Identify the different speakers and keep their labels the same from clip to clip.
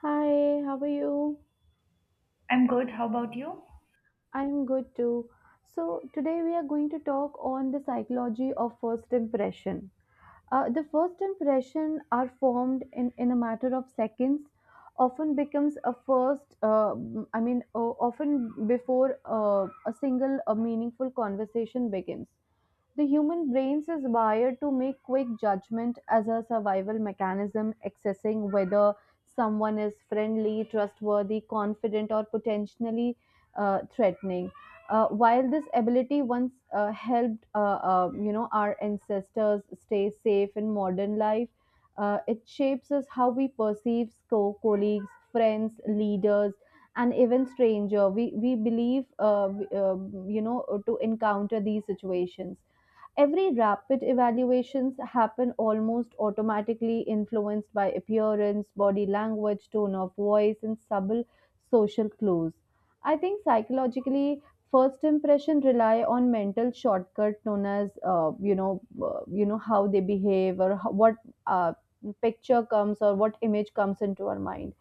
Speaker 1: Hi, how are you?
Speaker 2: I'm good. How about you?
Speaker 1: I'm good too. So, today we are going to talk on the psychology of first impression. The first impression are formed in a matter of seconds, often becomes a first, often before a single meaningful conversation begins. The human brains is wired to make quick judgment as a survival mechanism, accessing whether someone is friendly, trustworthy, confident, or potentially threatening. While this ability once helped, our ancestors stay safe in modern life, it shapes us how we perceive colleagues, friends, leaders, and even stranger. We believe, to encounter these situations. Every rapid evaluations happen almost automatically, influenced by appearance, body language, tone of voice, and subtle social clues. I think psychologically, first impression rely on mental shortcut known as how they behave or how, what uh, picture comes or what image comes into our mind.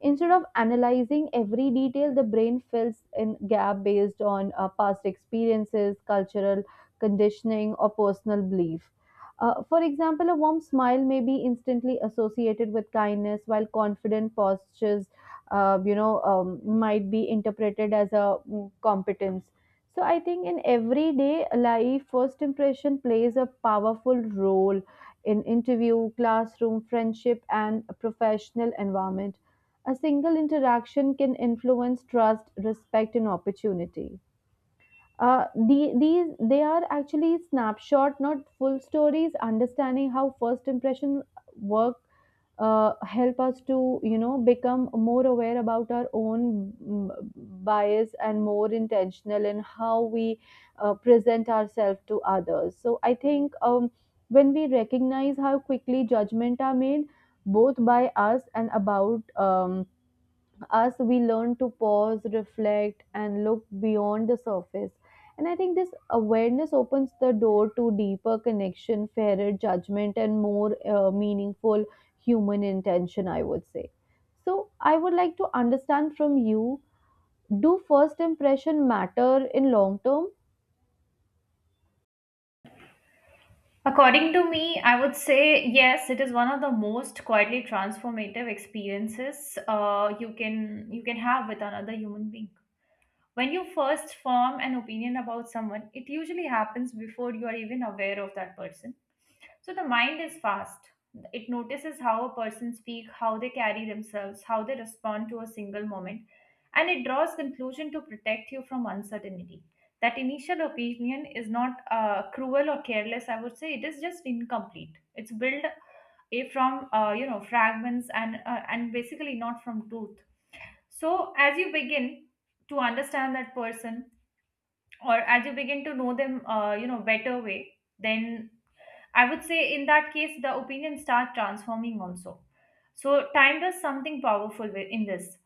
Speaker 1: Instead of analyzing every detail, the brain fills in gap based on past experiences, cultural conditioning, or personal belief. For example, a warm smile may be instantly associated with kindness, while confident postures, might be interpreted as a competence. So I think in everyday life, first impression plays a powerful role in interview, classroom, friendship, and professional environment. A single interaction can influence trust, respect, and opportunity. These they are actually snapshot, not full stories. Understanding how first impression work help us to become more aware about our own bias and more intentional in how we present ourselves to others. So I think when we recognize how quickly judgment are made, both by us and about. Us, we learn to pause reflect and look beyond the surface, and I think this awareness opens the door to deeper connection fairer judgment and more meaningful human intention I would say. So I would like to understand from you, do first impression matter in long term?
Speaker 2: According to me, I would say yes, it is one of the most quietly transformative experiences you can have with another human being. When you first form an opinion about someone, it usually happens before you are even aware of that person. So the mind is fast. It notices how a person speaks, how they carry themselves, how they respond to a single moment, and it draws conclusion to protect you from uncertainty. That initial opinion is not cruel or careless. I would say it is just incomplete. It's built from you know fragments and basically not from truth. So as you begin to understand that person, or as you begin to know them, you know better way, then I would say in that case, the opinion start transforming also. So time does something powerful in this.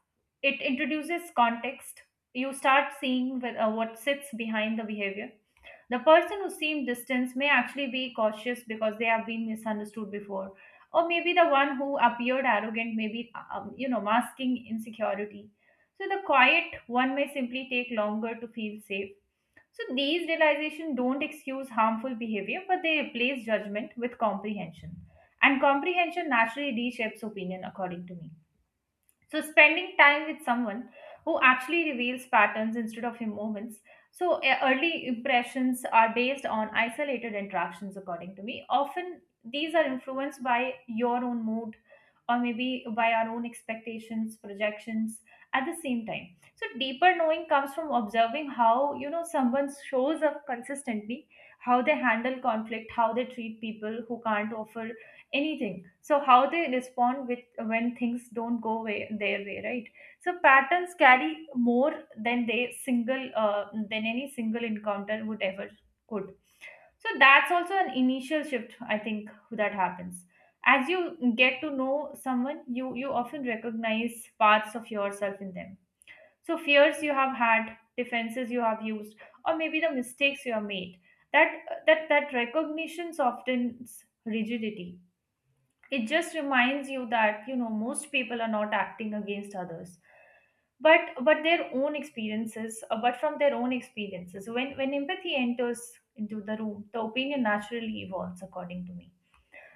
Speaker 2: It introduces context. You start seeing with, what sits behind the behavior. The person who seemed distant may actually be cautious because they have been misunderstood before, or maybe the one who appeared arrogant, maybe you know masking insecurity. So the quiet one may simply take longer to feel safe. So these realizations don't excuse harmful behavior, but they replace judgment with comprehension. And comprehension naturally reshapes opinion, according to me. So spending time with someone who actually reveals patterns instead of moments. So, early impressions are based on isolated interactions, according to me. Often, these are influenced by your own mood or maybe by our own expectations, projections at the same time. So deeper knowing comes from observing how, you know, someone shows up consistently, how they handle conflict, how they treat people who can't offer anything. So how they respond with when things don't go way, their way, right? So patterns carry more than they single than any single encounter would ever could. So that's also an initial shift, I think, that happens. As you get to know someone, you often recognize parts of yourself in them. So fears you have had, defenses you have used, or maybe the mistakes you have made, that that recognitions often rigidity. It just reminds you that, you know, most people are not acting against others, but their own experiences but from their own experiences. When empathy enters into the room, the opinion naturally evolves, according to me.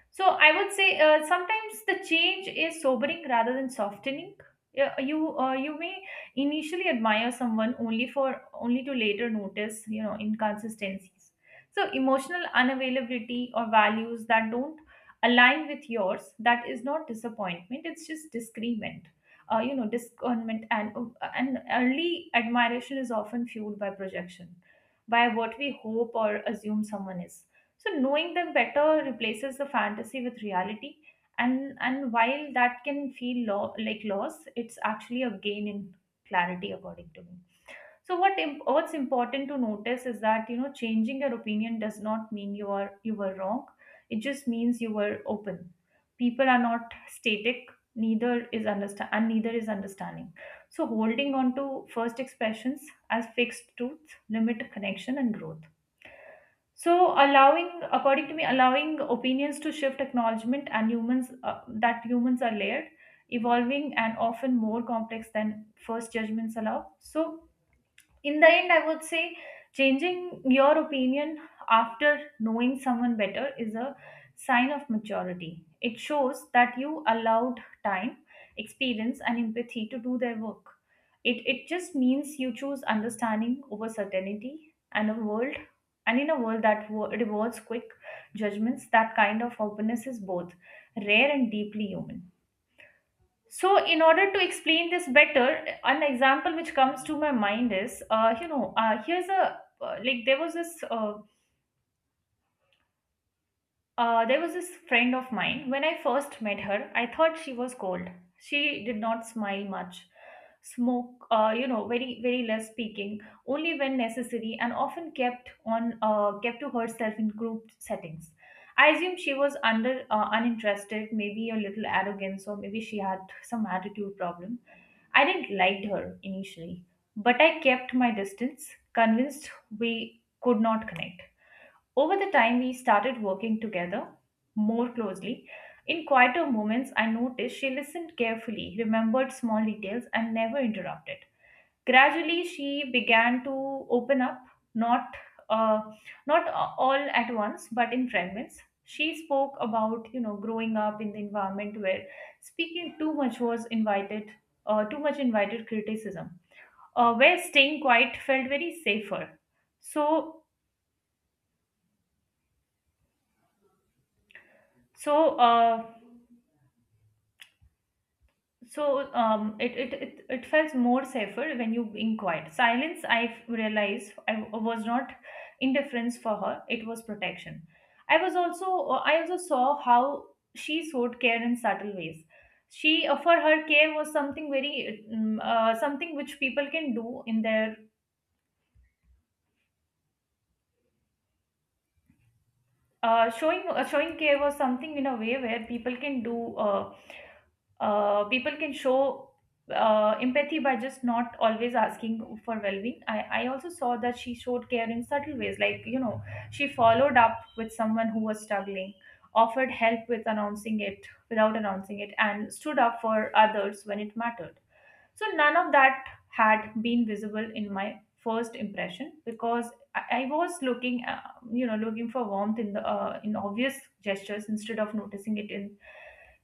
Speaker 2: So I would say sometimes the change is sobering rather than softening. Yeah. You may initially admire someone only to later notice, you know, inconsistencies. So emotional unavailability or values that don't align with yours, that is not disappointment. It's just disagreement. You know, discernment. And and early admiration is often fueled by projection, by what we hope or assume someone is. So knowing them better replaces the fantasy with reality, and while that can feel like loss, it's actually a gain in clarity, according to me. So what's important to notice is that, you know, changing your opinion does not mean you were wrong. It just means you were open. People are not static. Neither is understand and neither is understanding. So holding on to first expressions as fixed truth limit connection and growth. So allowing, according to me, allowing opinions to shift acknowledgement and humans that humans are layered, evolving, and often more complex than first judgments allow. So in the end, I would say changing your opinion after knowing someone better is a sign of maturity. It shows that you allowed time, experience, and empathy to do their work. It just means you choose understanding over certainty. And a world and in a world that rewards quick judgments, that kind of openness is both rare and deeply human. So, in order to explain this better, an example which comes to my mind is, you know, here's a like there was this friend of mine. When I first met her, I thought she was cold. She did not smile much, smoke, you know, very less speaking, only when necessary, and often kept to herself in group settings. I assumed she was under uninterested, maybe a little arrogance, or maybe she had some attitude problem. I didn't like her initially, but I kept my distance, convinced we could not connect. Over the time, we started working together more closely. In quieter moments, I noticed she listened carefully, remembered small details, and never interrupted. Gradually, she began to open up, not uh, all at once, but in fragments. She spoke about, you know, growing up in the environment where speaking too much invited criticism, where staying quiet felt very safer. So so. Uh, it felt more safer when you being quiet. Silence, I realized, I was not indifference for her. It was protection. I also saw how she showed care in subtle ways. She for her care was something very mm, something which people can do in their showing showing care was something in a way where people can do people can show empathy by just not always asking for well-being. I also saw that she showed care in subtle ways, like, you know, she followed up with someone who was struggling, offered help without announcing it, and stood up for others when it mattered. So none of that had been visible in my first impression because I was looking, you know, looking for warmth in the in obvious gestures instead of noticing it in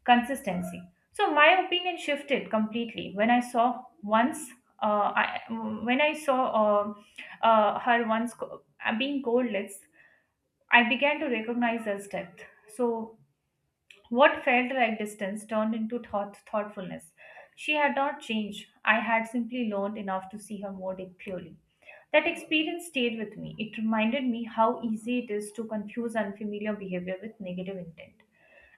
Speaker 2: consistency. So my opinion shifted completely when I saw once. I, when I saw her once being cold lips, I began to recognize her depth. So what felt like distance turned into thoughtfulness. She had not changed. I had simply learned enough to see her more clearly. That experience stayed with me. It reminded me how easy it is to confuse unfamiliar behavior with negative intent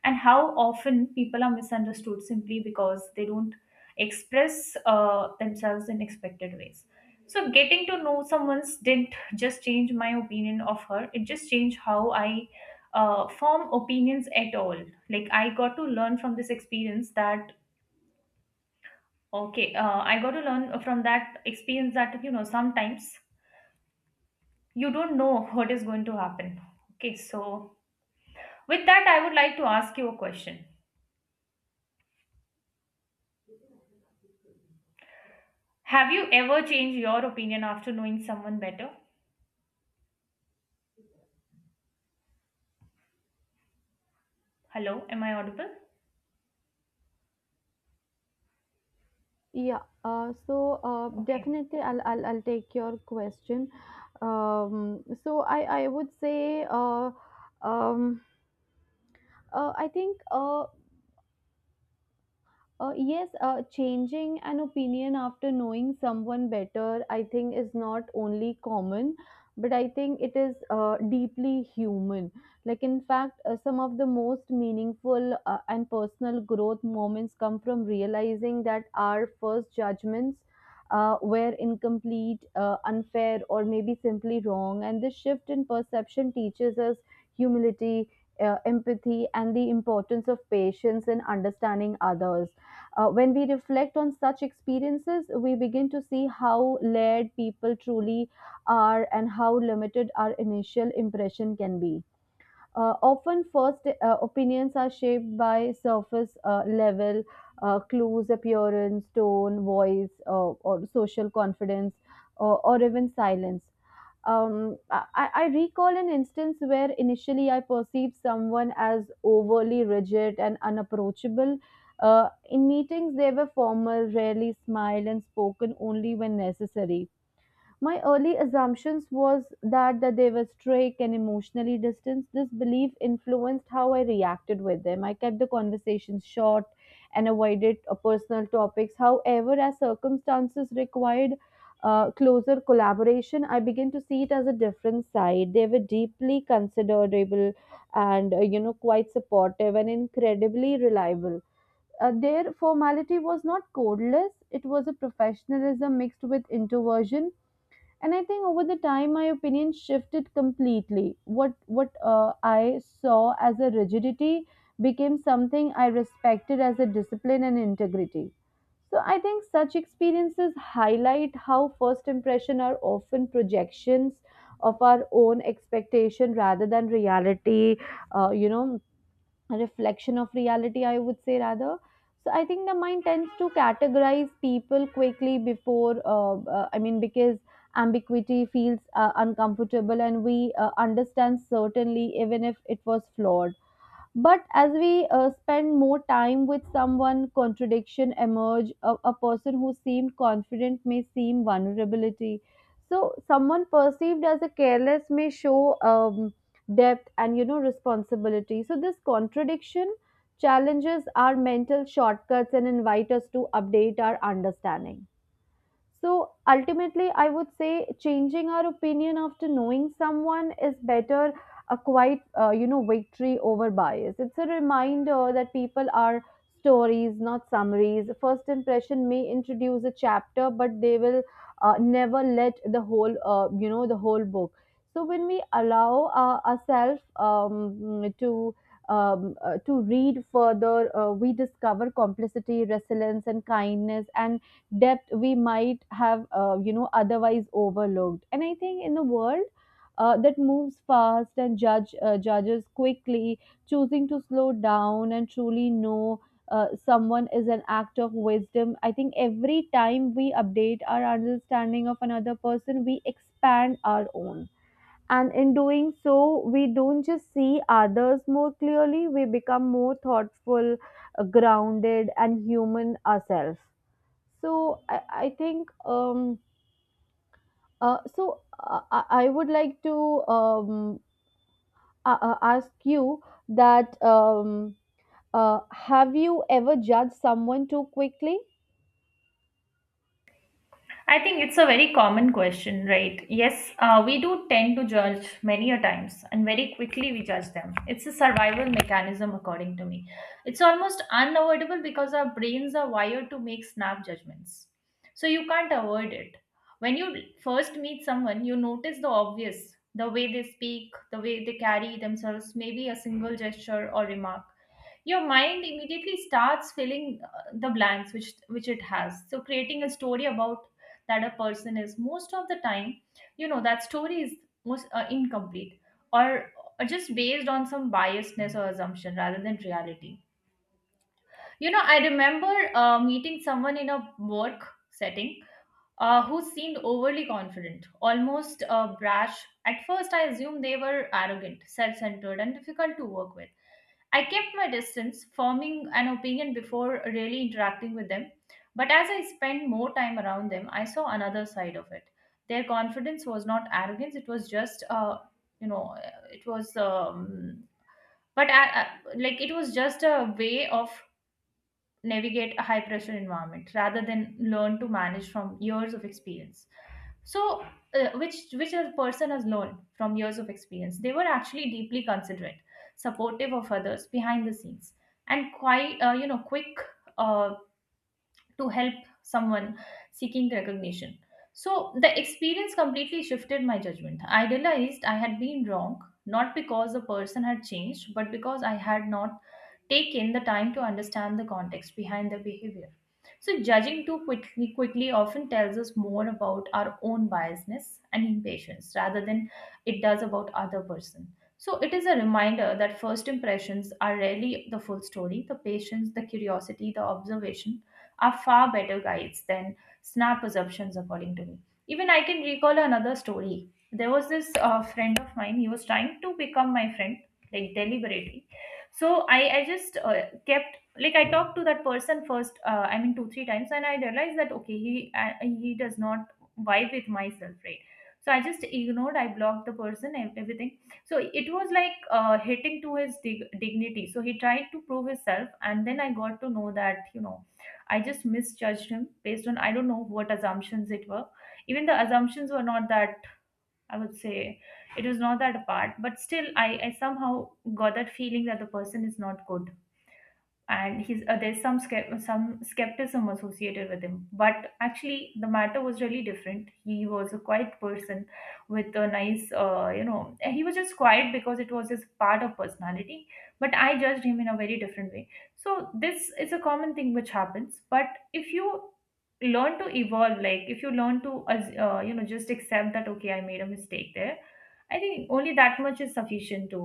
Speaker 2: and how often people are misunderstood simply because they don't express themselves in expected ways. So getting to know someone's didn't just change my opinion of her, it just changed how I form opinions at all. Like I got to learn from this experience that okay I got to learn from that experience that, you know, sometimes you don't know what is going to happen. Okay, so with that I would like to ask you a question. Have you ever changed your opinion after knowing someone better? Hello, am I audible?
Speaker 1: Yeah, so
Speaker 2: Okay.
Speaker 1: definitely I'll take your question. Um, so I would say uh, um, I think yes, changing an opinion after knowing someone better, I think, is not only common, but I think it is deeply human. Like, in fact, some of the most meaningful and personal growth moments come from realizing that our first judgments were incomplete, unfair, or maybe simply wrong. And this shift in perception teaches us humility, empathy, and the importance of patience in understanding others. Uh, when we reflect on such experiences, we begin to see how layered people truly are and how limited our initial impression can be. Often, first opinions are shaped by surface level clues, appearance, tone, voice, or social confidence, or even silence. I recall an instance where initially I perceived someone as overly rigid and unapproachable. In meetings, they were formal, rarely smiled, and spoken only when necessary. My early assumptions was that they were strict and emotionally distant. This belief influenced how I reacted with them. I kept the conversations short and avoided personal topics. However, as circumstances required closer collaboration, I began to see it as a different side. They were deeply considerable and quite supportive and incredibly reliable. Their formality was not codeless; it was a professionalism mixed with introversion. And I think over the time my opinion shifted completely. What I saw as a rigidity became something I respected as a discipline and integrity. So I think such experiences highlight how first impression are often projections of our own expectation rather than reality, a reflection of reality I would say rather. So I think the mind tends to categorize people quickly before, I mean because ambiguity feels uncomfortable and we understand certainly even if it was flawed. But as we spend more time with someone, contradiction emerge. A person who seemed confident may seem vulnerability. So someone perceived as a careless may show depth and responsibility. So this contradiction challenges our mental shortcuts and invite us to update our understanding. So ultimately, I would say changing our opinion after knowing someone is better a quite, victory over bias. It's a reminder that people are stories, not summaries. First impression may introduce a chapter, but they will never let the whole, the whole book. So when we allow ourselves to to read further, we discover complicity, resilience, and kindness, and depth we might have otherwise overlooked. And I think in a world that moves fast and judges quickly, choosing to slow down and truly know someone is an act of wisdom. I think every time we update our understanding of another person we expand our own, and in doing so we don't just see others more clearly, we become more thoughtful, grounded and human ourselves. So I think, I would like to um, ask you that have you ever judged someone too quickly?
Speaker 2: I think it's a very common question, right? Yes, we do tend to judge many a times, and very quickly we judge them. It's a survival mechanism, according to me. It's almost unavoidable because our brains are wired to make snap judgments. So you can't avoid it. When you first meet someone, you notice the obvious, the way they speak, the way they carry themselves, maybe a single gesture or remark. Your mind immediately starts filling the blanks which it has, so creating a story about that a person is. Most of the time, you know, that story is most incomplete, or, or just based on some biasness or assumption rather than reality. You know, I remember meeting someone in a work setting who seemed overly confident, almost brash. At first I assumed they were arrogant, self-centered, and difficult to work with. I kept my distance, forming an opinion before really interacting with them. But as I spent more time around them, I saw another side of it. Their confidence was not arrogance, it was just, you know, it was, but I, like it was just a way of navigate a high pressure environment rather than learn to manage from years of experience. So which a person has learned from years of experience. They were actually deeply considerate, supportive of others behind the scenes, and quite, you know, quick uh, to help someone seeking recognition. So the experience completely shifted my judgment. I realized I had been wrong, not because the person had changed, but because I had not taken the time to understand the context behind the behavior. So judging too quickly quickly often tells us more about our own biasness and impatience rather than it does about other person. So it is a reminder that first impressions are rarely the full story. The patience, the curiosity, the observation are far better guides than snap assumptions, according to me. Even I can recall another story. There was this friend of mine, he was trying to become my friend, like deliberately. So I just kept, like, I talked to that person first, two, three times, and I realized that, okay, he does not vibe with myself, right? So I just ignored, I blocked the person and everything. So it was like hitting to his dignity. So he tried to prove himself, and then I got to know that I just misjudged him based on I don't know what assumptions it were. Even the assumptions were not that, I would say, it was not that apart, but still I somehow got that feeling that the person is not good, and he's there's some some skepticism associated with him, but actually the matter was really different. He was a quiet person with a nice he was just quiet because it was his part of personality, but I judged him in a very different way. So this is a common thing which happens, but if you learn to evolve, like if you learn to just accept that, okay, I made a mistake there, I think only that much is sufficient to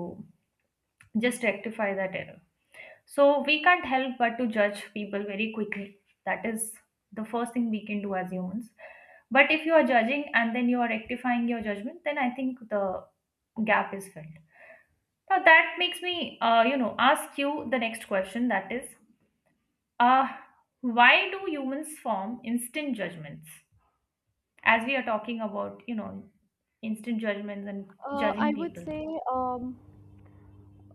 Speaker 2: just rectify that error. So we can't help but to judge people very quickly. That is the first thing we can do as humans. But if you are judging and then you are rectifying your judgment, then I think the gap is filled. Now that makes me, ask you the next question. That is, uh, why do humans form instant judgments? As we are talking about, you know, instant judgments and
Speaker 1: I
Speaker 2: judging
Speaker 1: would
Speaker 2: people.
Speaker 1: say um,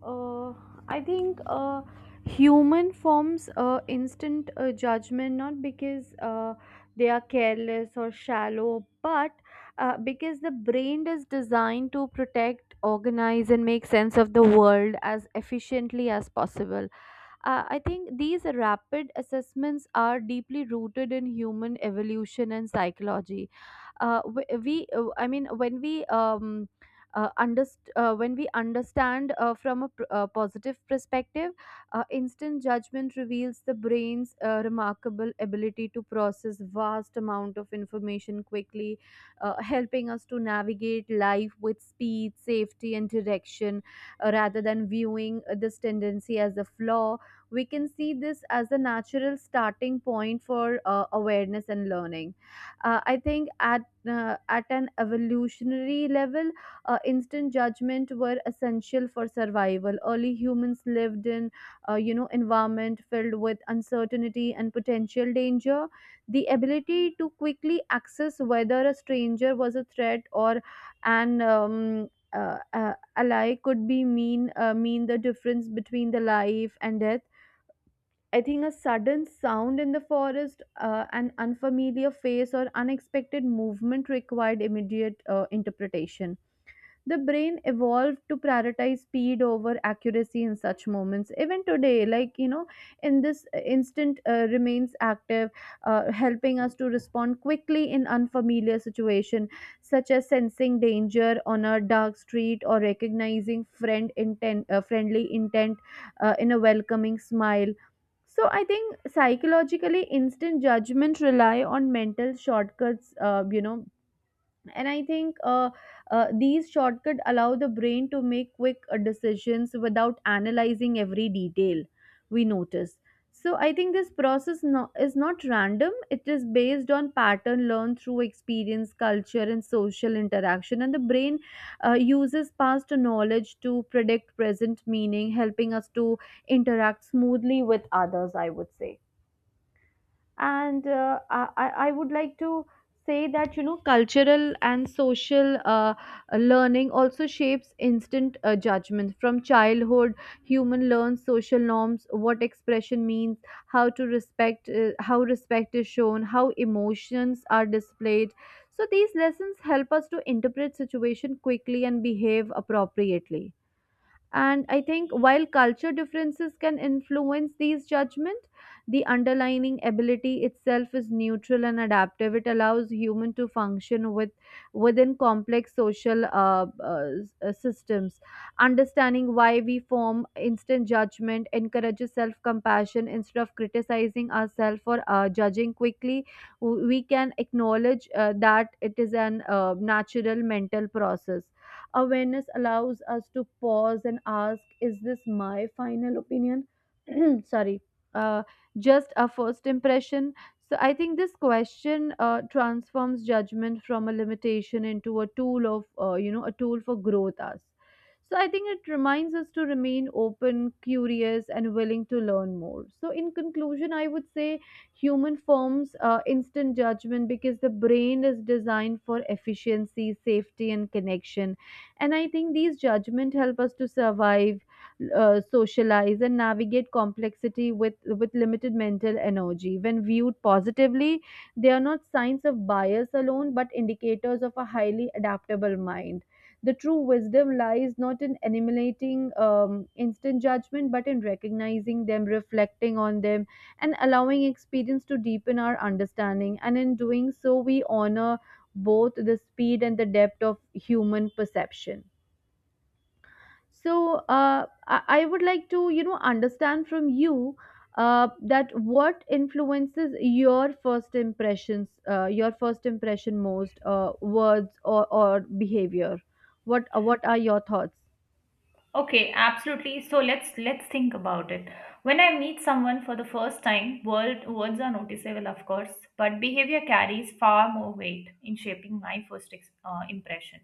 Speaker 1: Uh, I think human forms instant judgment not because they are careless or shallow, but because the brain is designed to protect, organize, and make sense of the world as efficiently as possible. I think these rapid assessments are deeply rooted in human evolution and psychology. W- we I mean when we when we understand from a positive perspective, instant judgment reveals the brain's remarkable ability to process vast amount of information quickly, helping us to navigate life with speed, safety, and direction. Rather than viewing this tendency as a flaw, we can see this as a natural starting point for awareness and learning. I think at, at an evolutionary level, instant judgment were essential for survival. Early humans lived in, environment filled with uncertainty and potential danger. The ability to quickly access whether a stranger was a threat or an ally could be mean the difference between the life and death. I think a sudden sound in the forest, an unfamiliar face, or unexpected movement required immediate interpretation. The brain evolved to prioritize speed over accuracy in such moments. Even today, in this instant remains active, helping us to respond quickly in unfamiliar situation, such as sensing danger on a dark street or recognizing friendly intent in a welcoming smile. So I think psychologically, instant judgment rely on mental shortcuts. You know, and I think These shortcuts allow the brain to make quick decisions without analyzing every detail we notice. So I think this process is not random, it is based on pattern learned through experience culture and social interaction, and the brain uses past knowledge to predict present meaning helping us to interact smoothly with others I would say. And uh, I, I I would like to say that cultural and social learning also shapes instant judgment. From childhood human learns social norms, what expression means, how respect is shown, how emotions are displayed. So these lessons help us to interpret situation quickly and behave appropriately. And I think while culture differences can influence these judgments, the underlying ability itself is neutral and adaptive. It allows human to function with within complex social systems. Understanding why we form instant judgment encourages self-compassion instead of criticizing ourselves or judging quickly. We can acknowledge that it is an natural mental process. Awareness allows us to pause and ask, is this my final opinion? Sorry, uh, just a first impression. So I think this question transforms judgment from a limitation into a tool of, a tool for growth us. So I think it reminds us to remain open, curious, and willing to learn more. So in conclusion, I would say human forms instant judgment because the brain is designed for efficiency, safety, and connection. And I think these judgment help us to survive, socialize and navigate complexity with limited mental energy. When viewed positively they are not signs of bias alone but indicators of a highly adaptable mind. The true wisdom lies not in eliminating instant judgment but in recognizing them, reflecting on them and allowing experience to deepen our understanding. And in doing so we honor both the speed and the depth of human perception. So I would like to, understand from you that what influences your first impressions, your first impression most, words or behavior. What are your thoughts?
Speaker 2: Okay, absolutely. So let's think about it. When I meet someone for the first time, word, words are noticeable, of course, but behavior carries far more weight in shaping my first impression.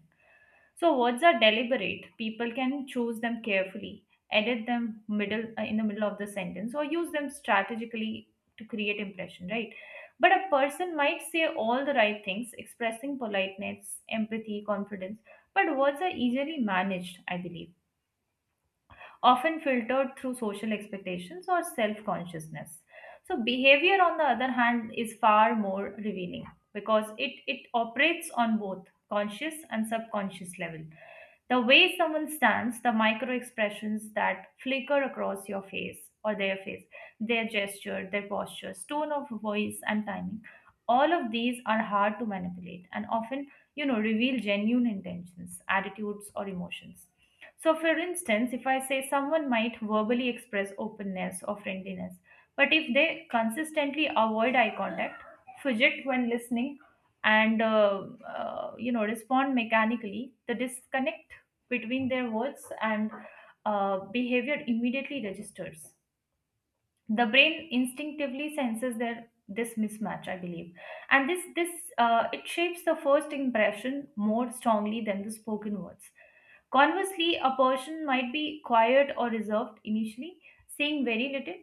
Speaker 2: So words are deliberate. People can choose them carefully, edit them middle in the middle of the sentence, or use them strategically to create impression, right? But a person might say all the right things, expressing politeness, empathy, confidence, but words are easily managed, I believe, often filtered through social expectations or self consciousness. So behavior, on the other hand, is far more revealing because it operates on both conscious and subconscious level. The way someone stands, the micro expressions that flicker across your face or their face, their gesture, their postures, tone of voice, and timing, all of these are hard to manipulate and often, you know, reveal genuine intentions, attitudes, or emotions. So, for instance, if I say someone might verbally express openness or friendliness, but if they consistently avoid eye contact, fidget when listening, and respond mechanically, the disconnect between their words and behavior immediately registers. The brain instinctively senses their this mismatch, I believe, and this it shapes the first impression more strongly than the spoken words. Conversely, a person might be quiet or reserved initially, saying very little,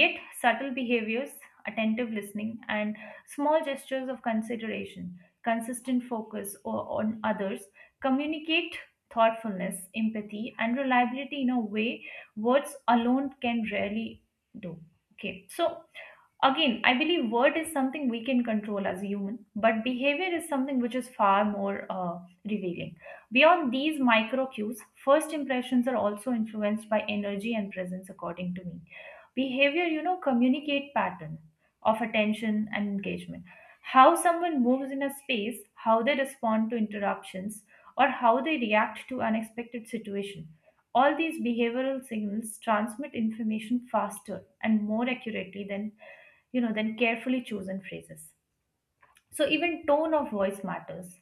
Speaker 2: yet subtle behaviors, attentive listening, and small gestures of consideration, consistent focus on others, communicate thoughtfulness, empathy, and reliability in a way words alone can rarely do. Okay, so again, I believe word is something we can control as a human, but behavior is something which is far more revealing. Beyond these micro cues, first impressions are also influenced by energy and presence, according to me. Behavior, you know, communicate pattern of attention and engagement, how someone moves in a space, how they respond to interruptions, or how they react to unexpected situation. All these behavioral signals transmit information faster and more accurately than, you know, than carefully chosen phrases. So even tone of voice matters.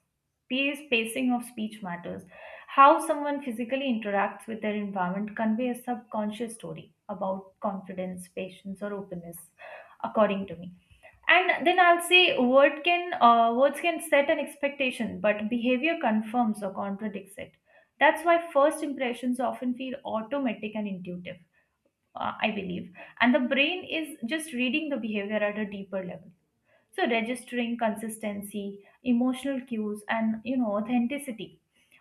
Speaker 2: Pace, pacing of speech matters. How someone physically interacts with their environment convey a subconscious story about confidence, patience, or openness, according to me. And then I'll say words can set an expectation, but behavior confirms or contradicts it. That's why first impressions often feel automatic and intuitive, I believe. And the brain is just reading the behavior at a deeper level, so registering consistency, emotional cues, and, you know, authenticity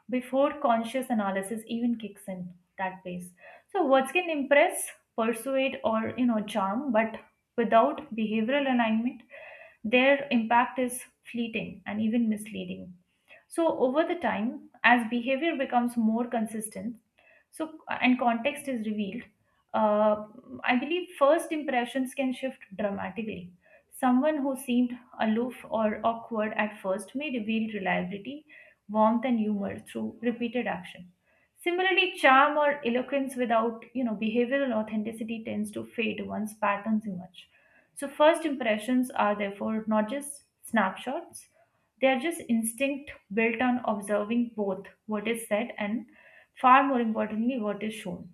Speaker 2: before conscious analysis even kicks in, that phase. So words can impress, persuade, or, you know, charm, but without behavioral alignment, their impact is fleeting and even misleading. So over the time, as behavior becomes more consistent, so and context is revealed, uh, I believe first impressions can shift dramatically. Someone who seemed aloof or awkward at first may reveal reliability, warmth, and humor through repeated action. Similarly, charm or eloquence without, you know, behavioral authenticity tends to fade once patterns emerge. So first impressions are therefore not just snapshots, they are just instinct built on observing both what is said and, far more importantly, what is shown.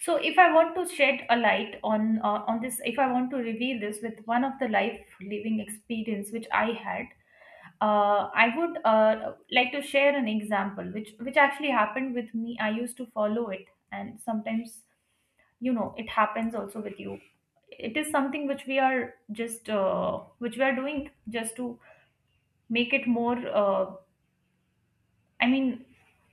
Speaker 2: So if I want to shed a light on this, if I want to reveal this with one of the life living experience which I had, I would like to share an example which actually happened with me. I used to follow it, and sometimes, you know, it happens also with you. It is something which we are just which we are doing just to make it more, uh, I mean,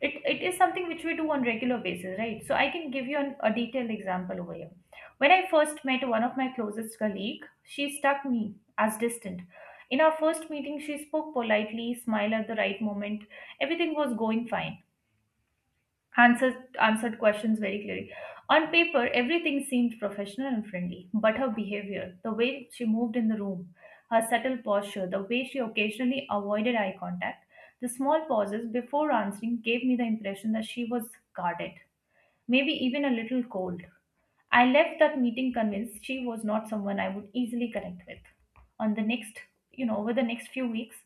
Speaker 2: it is something which we do on regular basis, right? So I can give you a detailed example over here. When I first met one of my closest colleague, she struck me as distant. In our first meeting, she spoke politely, smiled at the right moment. Everything was going fine. Answered questions very clearly. On paper, everything seemed professional and friendly, but her behavior, the way she moved in the room, her subtle posture, the way she occasionally avoided eye contact, the small pauses before answering gave me the impression that she was guarded, maybe even a little cold. I left that meeting convinced she was not someone I would easily connect with. On the next, you know, over the next few weeks,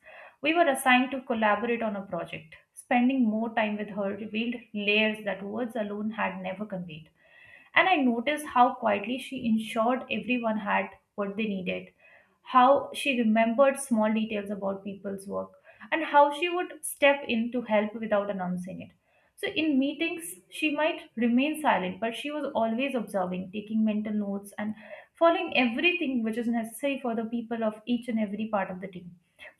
Speaker 2: we were assigned to collaborate on a project. Spending more time with her revealed layers that words alone had never conveyed. And I noticed how quietly she ensured everyone had what they needed, how she remembered small details about people's work, and how she would step in to help without announcing it. So in meetings, she might remain silent, but she was always observing, taking mental notes, and following everything which is necessary for the people of each and every part of the team.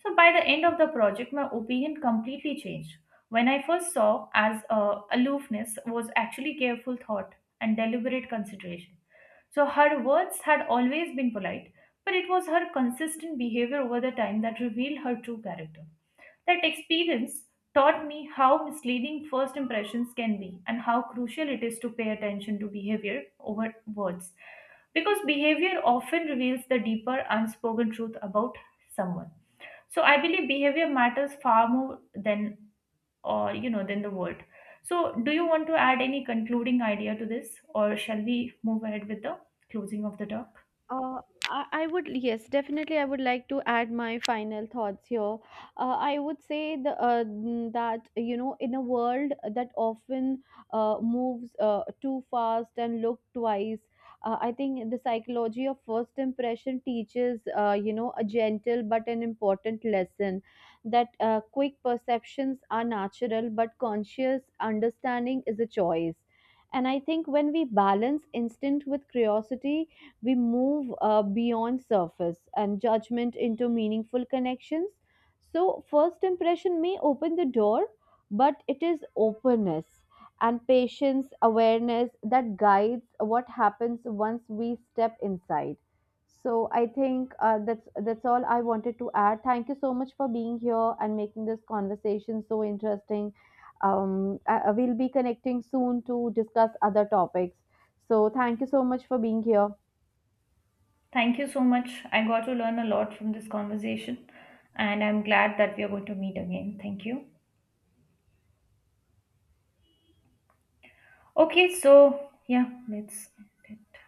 Speaker 2: So by the end of the project, my opinion completely changed. When I first saw as aloofness was actually careful thought and deliberate consideration. So her words had always been polite, but it was her consistent behavior over the time that revealed her true character. That experience taught me how misleading first impressions can be and how crucial it is to pay attention to behavior over words, because behavior often reveals the deeper unspoken truth about someone. So I believe behavior matters far more than, or, you know, than the world. So do you want to add any concluding idea to this, or shall we move ahead with the closing of the talk?
Speaker 1: Uh, I would, yes, definitely. I would like to add my final thoughts here. I would say the, that, in a world that often moves too fast and look twice, I think the psychology of first impression teaches, a gentle but an important lesson that quick perceptions are natural, but conscious understanding is a choice. And I think when we balance instinct with curiosity, we move beyond surface and judgment into meaningful connections. So first impression may open the door but it is openness and patience awareness that guides what happens once we step inside. So I think that's all I wanted to add. Thank you so much for being here and making this conversation so interesting. I will be connecting soon to discuss other topics. So thank you so much for being here.
Speaker 2: Thank you so much, I got to learn a lot from this conversation, and I'm glad that we are going to meet again. Thank you. Okay, so yeah, let's end it.